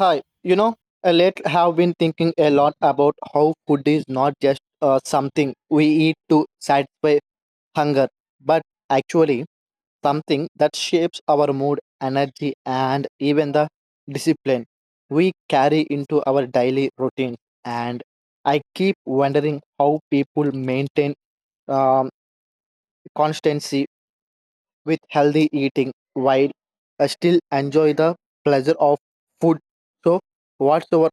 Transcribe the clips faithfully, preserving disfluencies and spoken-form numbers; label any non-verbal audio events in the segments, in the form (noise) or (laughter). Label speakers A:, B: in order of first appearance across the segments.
A: Hi, you know, I late have been thinking a lot about how food is not just uh, something we eat to satisfy hunger, but actually something that shapes our mood, energy, and even the discipline we carry into our daily routine. And I keep wondering how people maintain um, constancy with healthy eating while uh, still enjoy the pleasure of food. So, what's your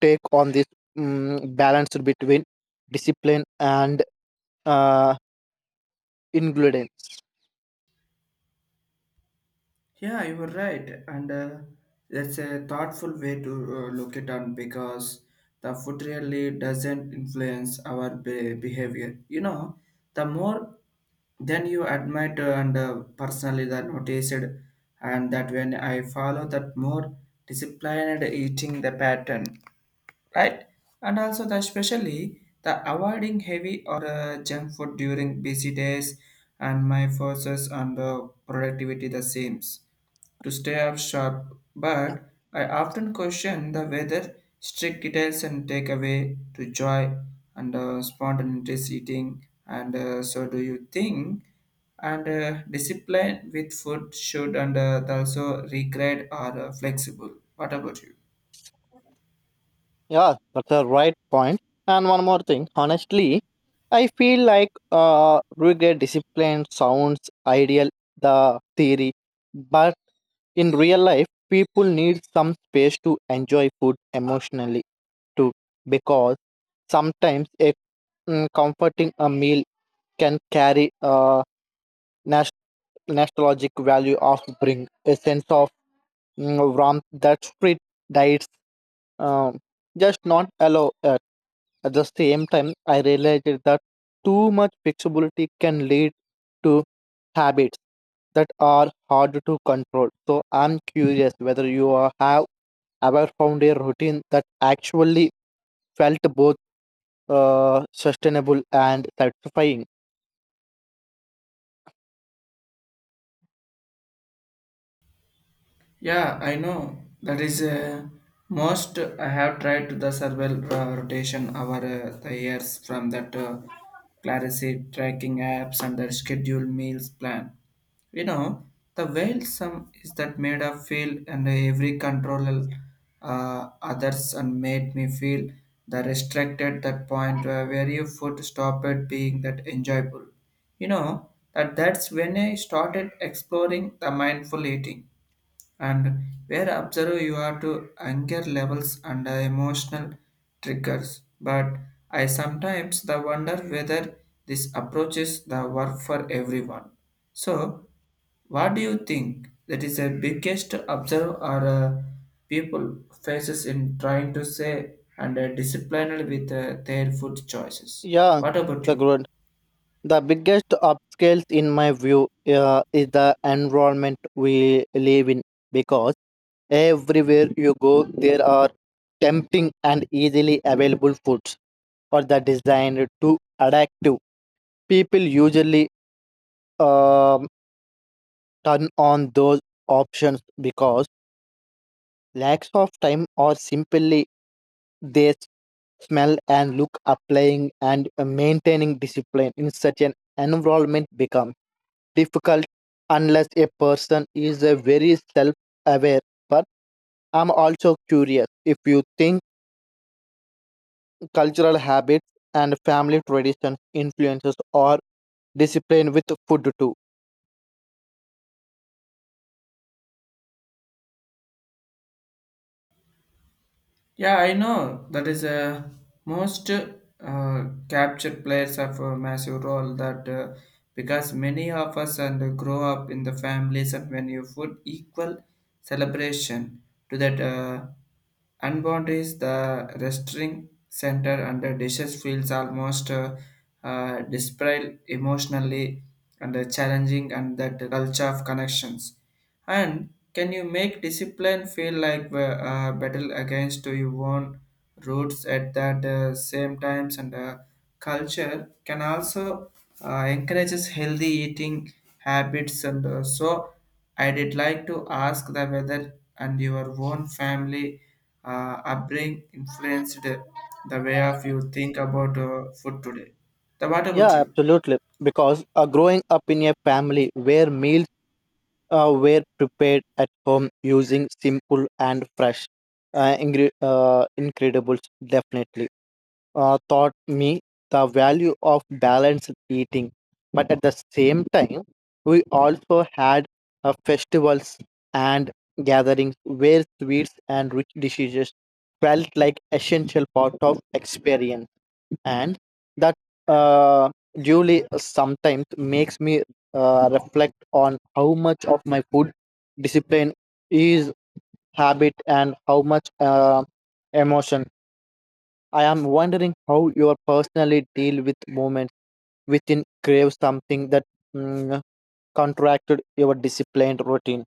A: take on this mm balance between discipline and uh, ingredients.
B: Yeah, you were right, and uh, that's a thoughtful way to uh, look it on because the food really doesn't influence our be- behavior. You know, the more then you admit uh, and uh, personally that noticed, and that when I follow that more disciplined eating the pattern, right? And also the especially the avoiding heavy or uh, junk food during busy days, and my forces on the productivity the same to stay up sharp, but I often question the whether strict details and take away to joy and uh, spontaneous eating. And uh, so, do you think and uh, discipline with food should and uh, also regret or uh, flexible? What about you?
A: Yeah, that's a right point. And one more thing, honestly, I feel like uh, rigid discipline sounds ideal, the theory, but in real life, people need some space to enjoy food emotionally too, because sometimes a mm, comforting a meal can carry a nostalgic value of bring a sense of mm, warmth that street diets um, just not allow at. At the same time, I realized that too much flexibility can lead to habits that are hard to control. So I'm curious whether you are, have ever found a routine that actually felt both uh, sustainable and satisfying.
B: Yeah, I know. That is uh, most I have tried to the survival uh, rotation over uh, the years from that uh, clarity tracking apps and the scheduled meals plan. You know, the whale sum is that made of feel and every control uh, others and made me feel the restricted that point where where you food stopped being that enjoyable. You know, that that's when I started exploring the mindful eating and where observe you are to anger levels and uh, emotional triggers. But I sometimes the wonder whether this approach is the work for everyone. So what do you think that is the biggest observe or uh, people faces in trying to say and uh, disciplined with uh, their food choices?
A: Yeah,
B: What about
A: the
B: you?
A: growth. The biggest upscales, in my view, uh, is the environment we live in because everywhere you go, there are tempting and easily available foods or the designed to attract you. People usually um, turn on those options because lacks of time or simply they smell and look applying and uh, maintaining discipline in such an environment becomes difficult unless a person is a very self aware. But I'm also curious if you think cultural habits and family traditions influences or discipline with food too.
B: Yeah, I know. That is a most uh, capture players have a massive role that uh, because many of us and uh, grow up in the families and when you put equal celebration to that uh, unboundaries, the restoring center and the dishes feels almost uh, uh, desperate emotionally and uh, challenging and that culture of connections and can you make discipline feel like a uh, battle against uh, your own roots at that uh, same times and uh, culture can also uh, encourages healthy eating habits and uh, so I did like to ask the whether and your own family uh, upbringing influenced the way of you think about uh, food today. The what about
A: Yeah,
B: you?
A: absolutely. Because uh, growing up in a family where meals uh, were prepared at home using simple and fresh uh, ingre- uh, incredibles, definitely. Uh, taught me the value of balanced eating. But at the same time, we also had uh, festivals and gatherings where sweets and rich dishes felt like essential part of experience, and that uh, duly sometimes makes me uh, reflect on how much of my food discipline is habit and how much uh, emotion I am wondering how you personally deal with moments within crave something that mm, contracted your disciplined routine.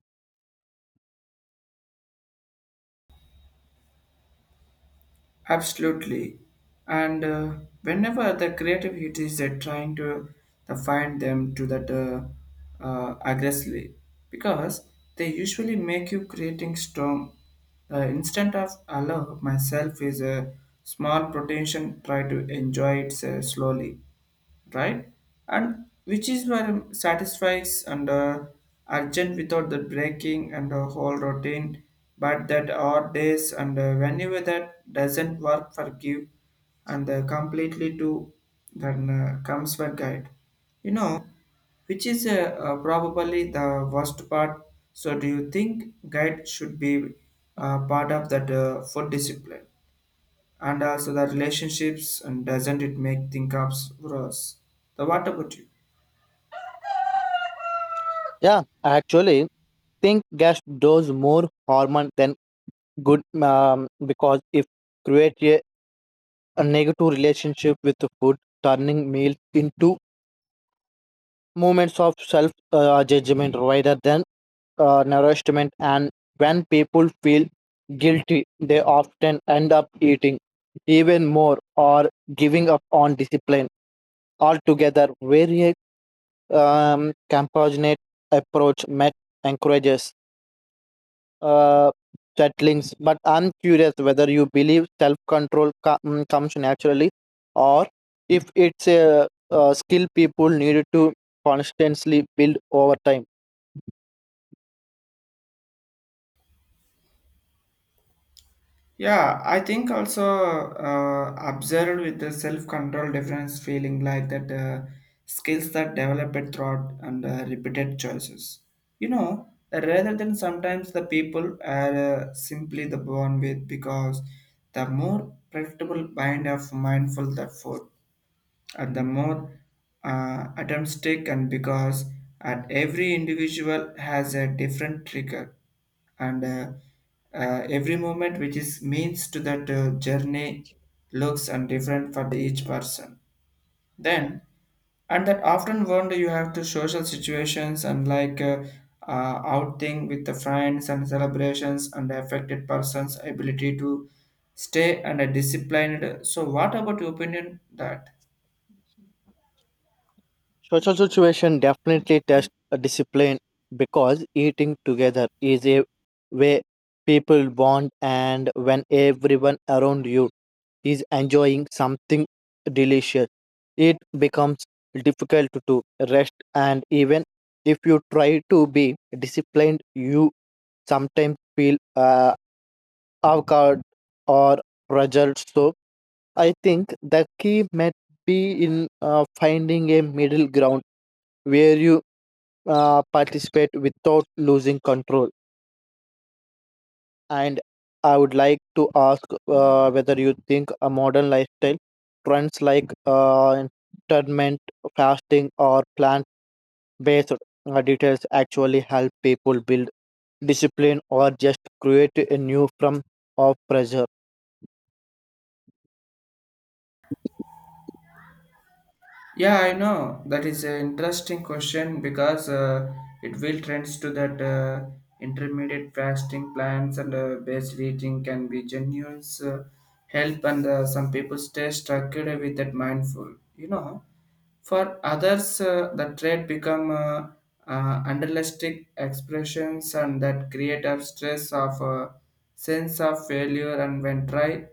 B: Absolutely. And uh, whenever the creative it is uh, trying to the find them to that uh, uh, aggressively, because they usually make you creating strong. The instant of allow myself is a small potential try to enjoy it uh, slowly, right? And which is where satisfies and uh, urgent without the breaking and the whole routine, but that odd days and uh, whenever that doesn't work for give and uh, completely to then uh, comes for guide, you know, which is uh, uh, probably the worst part. So, do you think guide should be uh, part of that uh, food discipline? And also the relationships and doesn't it make think of us the what about you?
A: Yeah, I actually think gas does more harm than good um, because if create a, a negative relationship with the food, turning meals into moments of self uh, judgment rather than uh, nourishment, and when people feel guilty, they often end up eating even more or giving up on discipline altogether. Very um, compassionate approach met encourages uh, settlings. But I'm curious whether you believe self-control co- mm, comes naturally, or if it's a, a skill people need to constantly build over time.
B: Yeah, I think also uh, observed with the self-control difference feeling like that uh, skills that developed throughout and uh, repeated choices, you know, rather than sometimes the people are uh, simply the born with because the more predictable bind of mindful that food and the more uh, attempts taken because at every individual has a different trigger and uh, uh, every moment which is means to that uh, journey looks and different for the each person then and that often wonder you have to social situations and like uh, uh, outing with the friends and celebrations and the affected person's ability to stay and a disciplined, so what about your opinion that?
A: Social situation definitely tests a discipline because eating together is a way people bond, and when everyone around you is enjoying something delicious, it becomes difficult to rest. And even if you try to be disciplined, you sometimes feel uh, awkward or pressured. So I think the key might be in uh, finding a middle ground where you uh, participate without losing control. And I would like to ask uh, whether you think a modern lifestyle trends like uh, intermittent fasting or plant-based uh, details actually help people build discipline or just create a new form of pressure.
B: Yeah, I know. That is an interesting question because uh, it will trends to that uh, intermediate fasting plans and uh, based eating can be genuine uh, help and uh, some people stay stuck with that mindful. You know, for others, uh, the trait become uh, uh, unrealistic expressions and that create a stress of uh, sense of failure and when try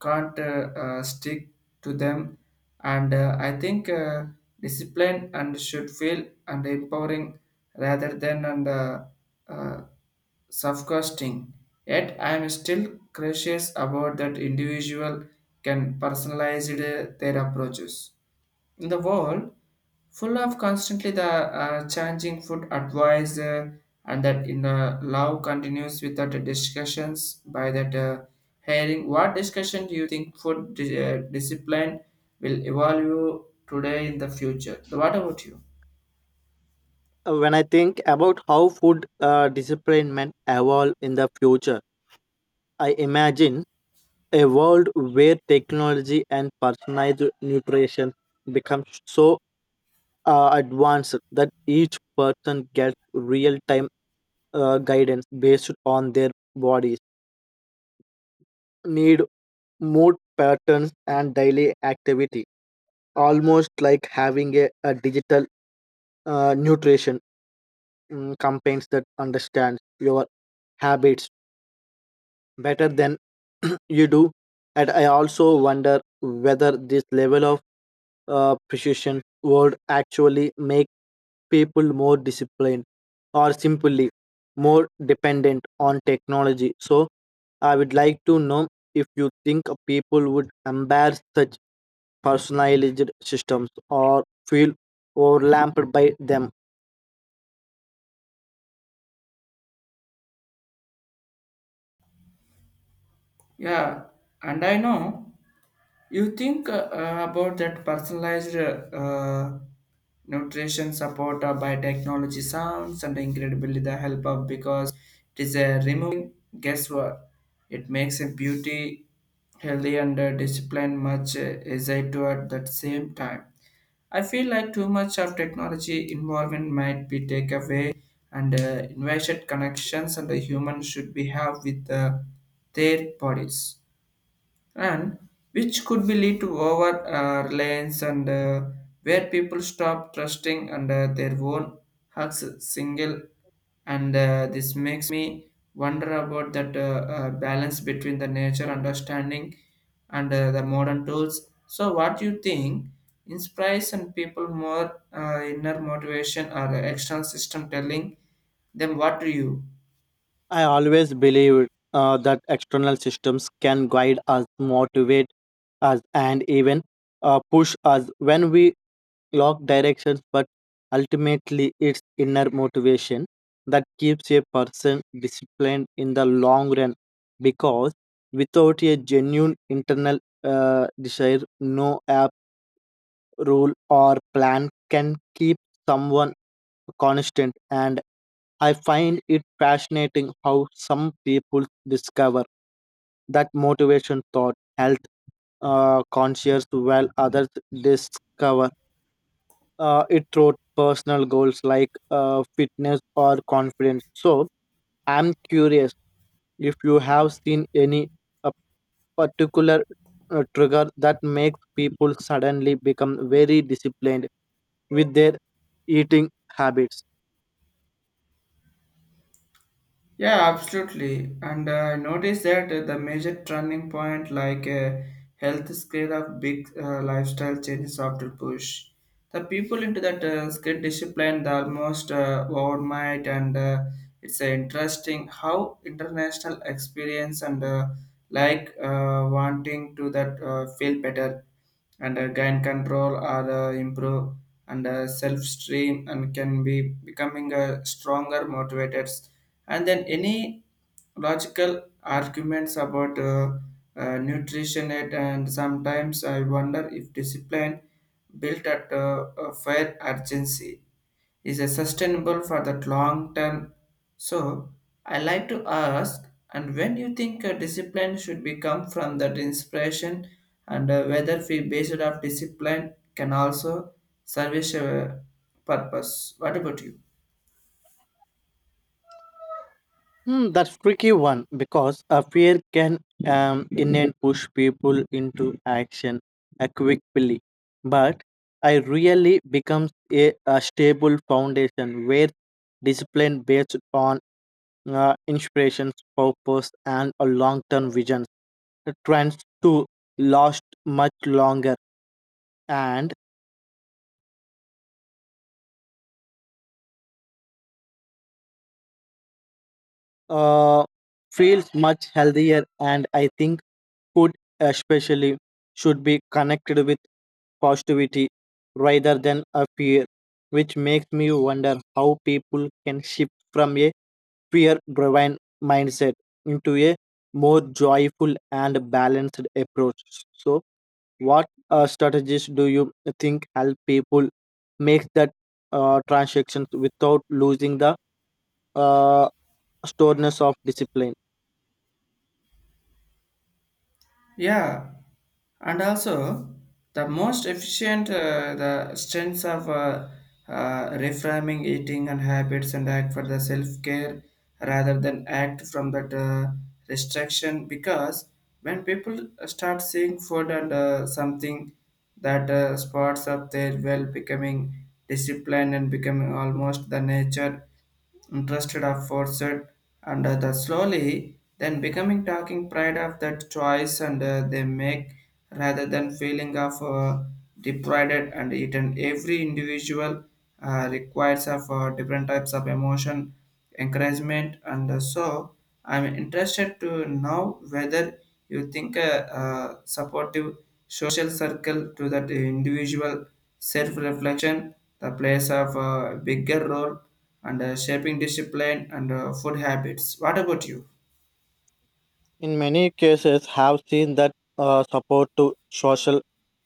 B: can't uh, uh, stick to them. And uh, I think uh, discipline and should feel and empowering rather than and uh, uh, self-costing. Yet I am still cautious about that individual can personalize uh, their approaches in the world full of constantly the uh, changing food advice uh, and that in the love continues without the discussions by that uh, hearing what discussion do you think food di- uh, discipline will evolve you today in the future? What about you?
A: Uh, When I think about how food uh, discipline may evolve in the future, I imagine a world where technology and personalized nutrition become so uh, advanced that each person gets real time uh, guidance based on their bodies, need, mood patterns, and daily activity. Almost like having a, a digital uh, nutrition mm, campaigns that understands your habits better than (clears throat) you do. And I also wonder whether this level of appreciation would actually make people more disciplined or simply more dependent on technology. So, I would like to know if you think people would embrace such personalized systems or feel overlapped by them.
B: Yeah, and I know. You think uh, uh, about that personalized uh, nutrition support uh, by technology sounds and incredibly the help of because it is a removing guesswork. It makes a beauty healthy and uh, discipline much uh, easier to at that same time. I feel like too much of technology involvement might be take away and uh, invited connections and the human should be have with uh, their bodies and which could be lead to over uh, reliance and uh, where people stop trusting and uh, their own hugs single and uh, this makes me wonder about that uh, uh, balance between the nature understanding and uh, the modern tools, so what do you think inspires and people more uh, inner motivation or external system telling them what to you?
A: I always believed uh, that external systems can guide us, motivate us, and even uh, push us when we clock directions, but ultimately it's inner motivation that keeps a person disciplined in the long run. Because without a genuine internal uh, desire, no app, rule, or plan can keep someone constant. And I find it fascinating how some people discover that motivation thought health uh, conscious while others discover uh, it wrote personal goals like uh, fitness or confidence. So I'm curious if you have seen any a particular uh, trigger that makes people suddenly become very disciplined with their eating habits.
B: Yeah, absolutely. And uh, notice that uh, the major turning point, like uh, health scare of big uh, lifestyle changes after push, the people into that uh, skill discipline, they almost uh, overnight, and uh, it's uh, interesting how international experience and uh, like uh, wanting to that uh, feel better and uh, gain control or uh, improve and uh, self stream and can be becoming a stronger motivated and then any logical arguments about uh, uh, nutrition it and sometimes I wonder if discipline built at uh, a fair urgency is a sustainable for that long term. So I like to ask and when you think a discipline should become from that inspiration and uh, whether we based of discipline can also service a purpose? What about you?
A: Hmm, that's tricky one because a fear can um in and push people into action uh, quickly, but I really becomes a, a stable foundation where discipline based on uh, inspirations, purpose, and a long-term vision trends to last much longer and uh, feels much healthier and I think food especially should be connected with positivity rather than a fear, which makes me wonder how people can shift from a fear driven mindset into a more joyful and balanced approach. So, what uh, strategies do you think help people make that uh, transactions without losing the uh, storeness of discipline?
B: Yeah, and also the most efficient uh, the strengths of uh, uh, reframing eating and habits and act for the self-care rather than act from that uh, restriction because when people start seeing food and uh, something that uh, spots up their well becoming disciplined and becoming almost the nature interested of forced and uh, the slowly then becoming talking pride of that choice and uh, they make rather than feeling of uh, deprived and eaten every individual uh, requires of uh, different types of emotion encouragement and uh, so I'm interested to know whether you think a, uh supportive social circle to that individual self-reflection the plays of a bigger role and uh, shaping discipline and uh, food habits. What about you?
A: In many cases, have seen that uh, support to social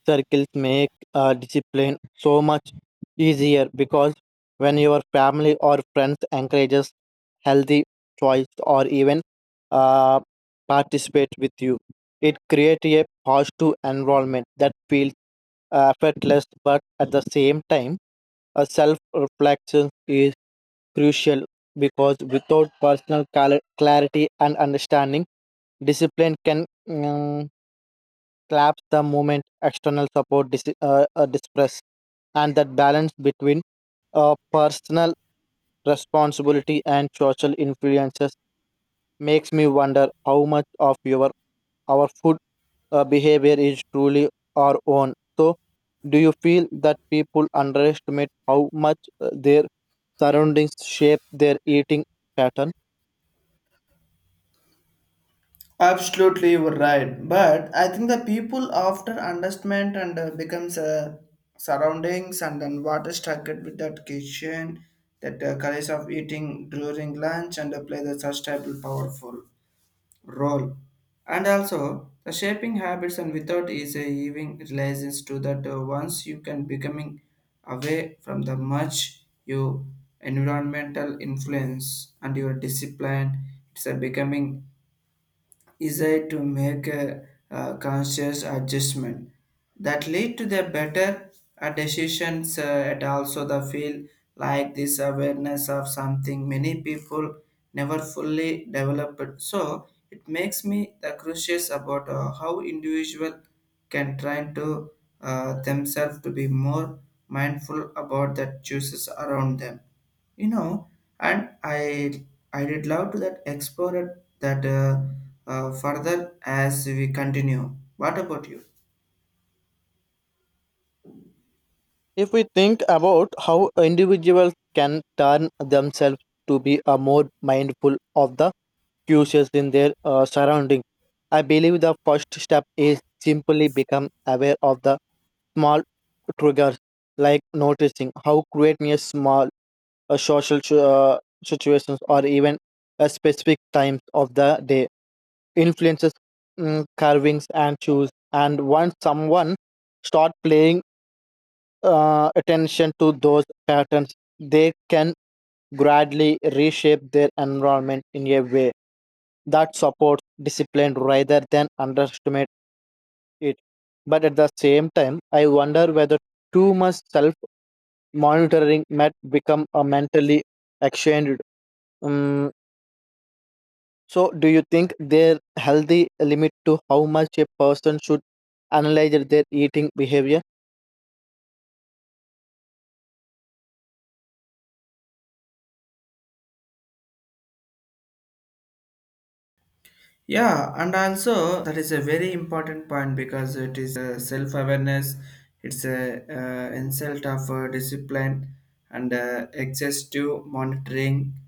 A: circles make uh, discipline so much easier because when your family or friends encourages healthy choice or even uh, participate with you, it creates a positive environment that feels uh, effortless, but at the same time, a self reflection is crucial because without personal cala- clarity and understanding, discipline can mm, collapse the moment external support dis- uh, uh, distress. And that balance between uh, personal responsibility and social influences makes me wonder how much of your our food uh, behavior is truly our own. So, do you feel that people underestimate how much uh, their surroundings shape their eating pattern?
B: Absolutely, you were right. But I think the people after understand and uh, becomes uh, surroundings and then what is stuck it with that kitchen, that uh, courage of eating during lunch and uh, play the sustainable powerful role and also the shaping habits and without is a even realizes to that uh, once you can becoming away from the much you environmental influence and your discipline it's a becoming easier to make a, uh, conscious adjustment that lead to the better uh, decisions uh, and also the feel like this awareness of something many people never fully developed, so it makes me the curious about uh, how individual can try to uh, themselves to be more mindful about the choices around them, you know, and i i did love to that explore it that uh, uh, further as we continue. What about you?
A: If we think about how individuals can turn themselves to be a more mindful of the cues in their uh, surrounding. I believe the first step is simply become aware of the small triggers, like noticing how creating a small uh, social uh, situations or even a specific times of the day influences mm, carvings and shoes. And once someone start paying uh, attention to those patterns, they can gradually reshape their environment in a way that supports discipline rather than underestimate it. But at the same time, I wonder whether too much self monitoring might become a mentally exchanged. Um, so, do you think there healthy limit to how much a person should analyze their eating behavior?
B: Yeah, and also that is a very important point because it is a self-awareness it's a uh, insult of uh, discipline and uh, excessive monitoring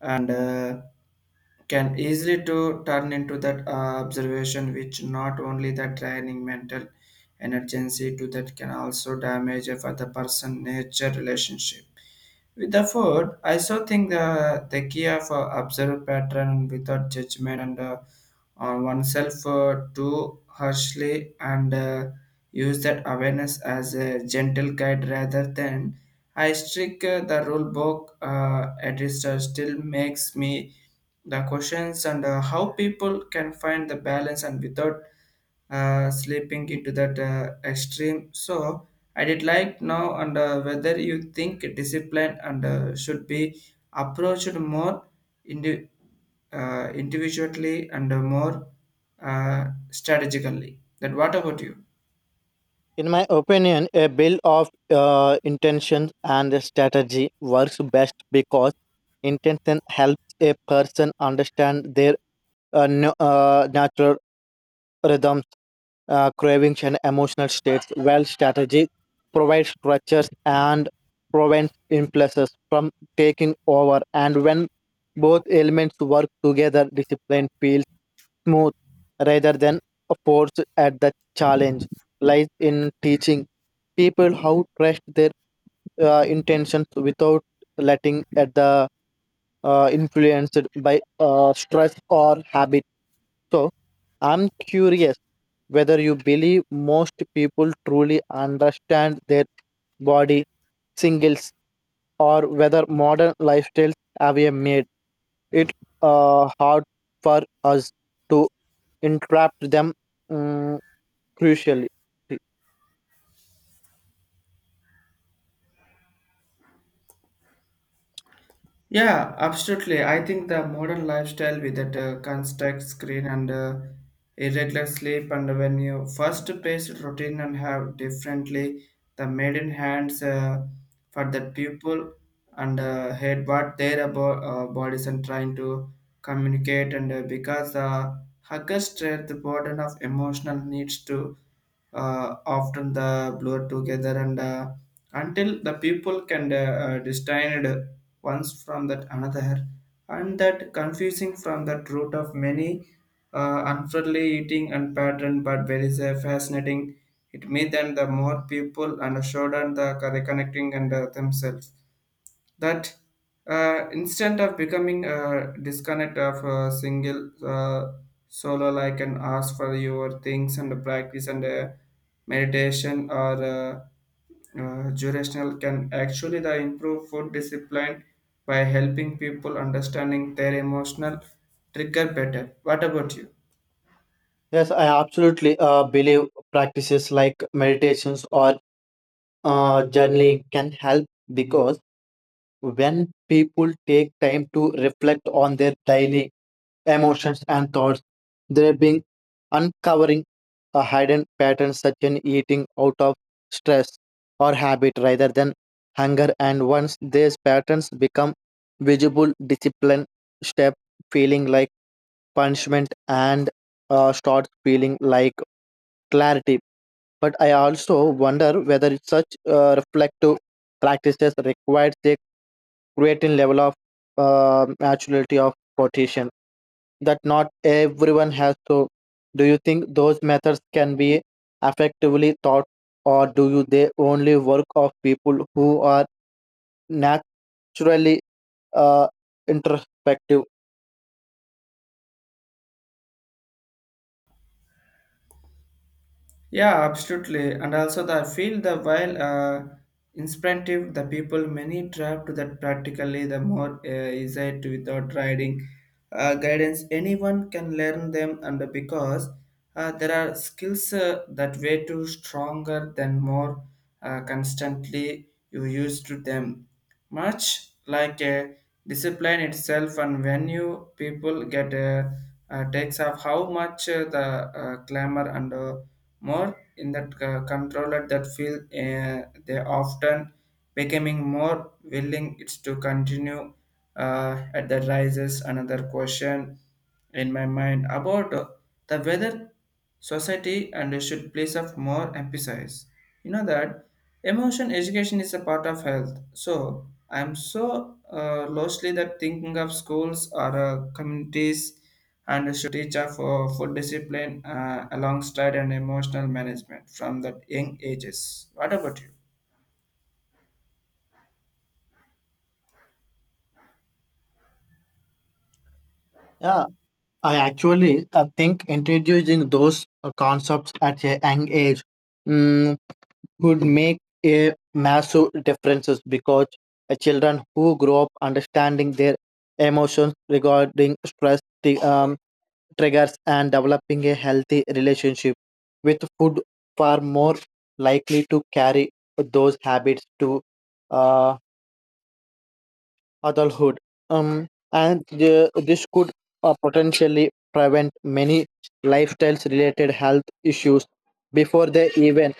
B: and uh, can easily to turn into that uh, observation which not only that draining mental energy to that can also damage for the person nature relationship with the food. I so think the, the key of uh, observe pattern without judgment and uh, on oneself uh, too harshly and uh, use that awareness as a gentle guide rather than I strict uh, the rule book uh, at least uh, still makes me the questions and uh, how people can find the balance and without uh, slipping into that uh, extreme. So I did like now and uh, whether you think discipline and uh, should be approached more indi- uh, individually and uh, more uh, strategically that? What about you?
A: In my opinion, a bill of uh, intentions and strategy works best because intention helps a person understand their uh, nu- uh, natural rhythms, uh, cravings, and emotional states, while strategy provides structures and prevents impulses from taking over. And when both elements work together, discipline feels smooth rather than a force at the challenge lies in teaching people how to trust their uh, intentions without letting at the uh, influenced by uh, stress or habit so I'm curious whether you believe most people truly understand their body singles or whether modern lifestyles have made it uh, hard for us to interrupt them mm, crucially.
B: Yeah, absolutely. I think the modern lifestyle with that uh, constant screen and uh, irregular sleep and when you first paced routine and have differently the maiden hands uh, for that people and uh, head what their abo- uh, bodies and trying to communicate and uh, because uh, huggers stress the burden of emotional needs to uh, often the blur together and uh, until the people can uh, uh, distinct once from that another, and that confusing from that root of many uh, unfriendly eating and pattern. But there is a fascinating. It made them the more people and showed them the reconnecting and uh, themselves that uh, instead of becoming a disconnect of a single uh, solo I can ask for your things and practice and uh, meditation or uh, uh, jurisdictional can actually the improve food discipline by helping people understanding their emotional trigger better. What about you?
A: Yes, I absolutely uh, believe practices like meditations or uh, journaling can help because when people take time to reflect on their daily emotions and thoughts, they are being uncovering a hidden pattern such as eating out of stress or habit rather than hunger. And once these patterns become visible, discipline step feeling like punishment and uh, start feeling like clarity. But I also wonder whether such uh, reflective practices requires a certain level of uh, maturity of quotation that not everyone has. So, do you think those methods can be effectively taught, or do you they only work of people who are naturally uh, introspective?
B: Yeah, absolutely. And also, the, I feel the while uh, inspirative, the people many trapped that practically the more uh, is it without riding uh, guidance. Anyone can learn them, and because uh, there are skills uh, that way too stronger than more uh, constantly you use to them. Much like a discipline itself, and when you people get uh, uh, takes of how much uh, the uh, clamor and uh, more in that c- controller that feel uh, they often becoming more willing it's to continue uh, at the rises another question in my mind about uh, the whether society and should place of more emphasis, you know that emotion education is a part of health. So I'm so uh, lostly that thinking of schools or uh, communities and should teach of uh, food discipline uh, alongside and emotional management from that young ages. What about you?
A: Yeah, I actually I think introducing those uh, concepts at a young age mm, would make a massive differences because uh, children who grow up understanding their emotions regarding stress, the, um, triggers, and developing a healthy relationship with food far more likely to carry those habits to uh, adulthood. Um, and the, this could uh, potentially prevent many lifestyles related health issues before they even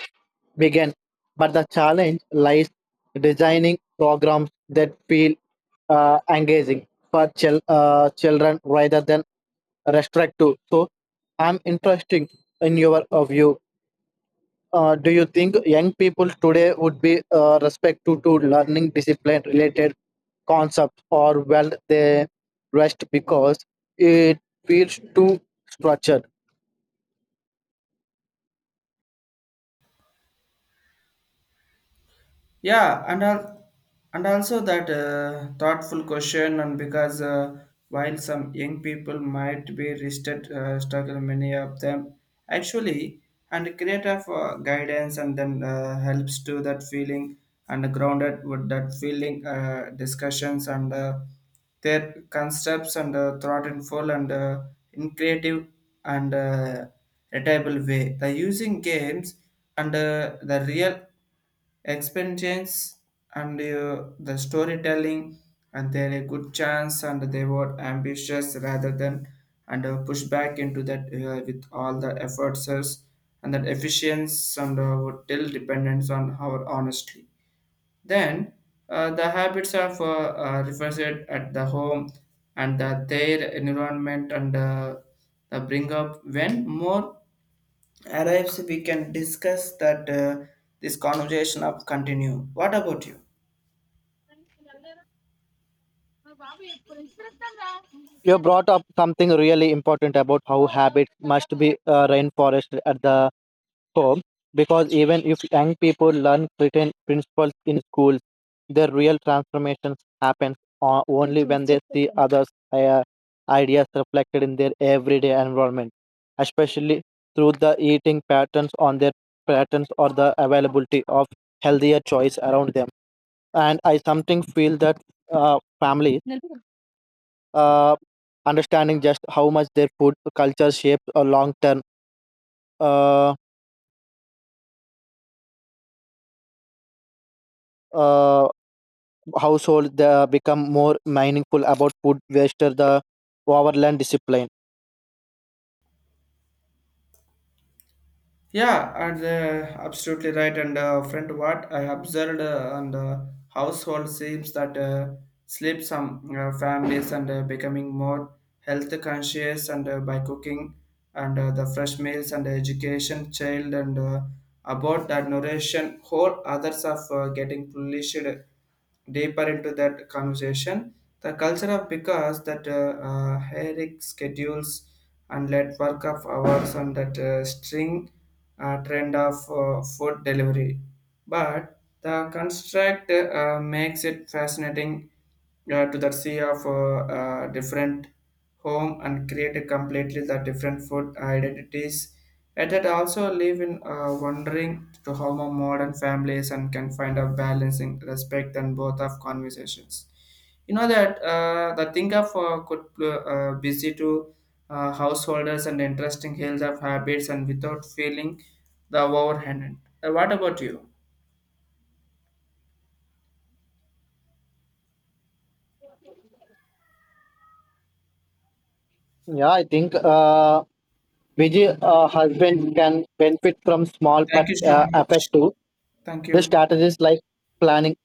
A: begin. But the challenge lies designing programs that feel uh, engaging for chil- uh, children rather than restrictive. So I'm interested in your uh, view uh, do you think young people today would be uh, respect to, to learning discipline related concepts or will they rest because it feels too structured?
B: Yeah and al- and also that uh, thoughtful question. And because uh, while some young people might be rested uh, struggle, many of them actually and creative uh, guidance and then uh, helps to that feeling and grounded with that feeling uh, discussions and uh, their concepts and uh, thought in full and uh, in creative and uh, readable way. The using games and uh, the real experience and uh, the storytelling and they're a good chance and they were ambitious rather than and uh, push back into that uh, with all the efforts and that efficiency and uh, would till dependence on our honesty. Then uh, the habits of uh, uh, reflected at the home and uh, their environment and uh, the bring up when more arrives, we can discuss that. Uh, this conversation of continue. What about you?
A: You brought up something really important about how habits must be uh, reinforced at the home because even if young people learn certain principles in schools, their real transformations happen o- only when they see others' uh, ideas reflected in their everyday environment, especially through the eating patterns on their patterns or the availability of healthier choice around them. And I something feel that uh, families uh, understanding just how much their food culture shapes a long term uh, uh, household they become more mindful about food waste or the overland discipline
B: Yeah, and uh, absolutely right. And uh, friend, what I observed uh, on the household seems that uh, sleep some uh, families and uh, becoming more health conscious and uh, by cooking and uh, the fresh meals and education child and uh, about that nourishment, whole others of uh, getting flourished deeper into that conversation. The culture of because that uh, uh, hectic schedules and let work of hours on that uh, string uh, trend of uh, food delivery, but the construct uh, makes it fascinating uh, to the sea of uh, uh, different home and create a completely the different food identities. Yet it also leave in uh, wondering to how more modern families and can find a balance in respect and both of conversations. You know that uh, the thing of uh, could uh, busy to uh, householders and interesting health of habits and without feeling the overhand. Uh, what about you?
A: yeah I think uh busy uh, husband can benefit from small
B: Thank
A: but
B: you so
A: uh,
B: much.
A: effective
B: Thank
A: the
B: you.
A: strategies like planning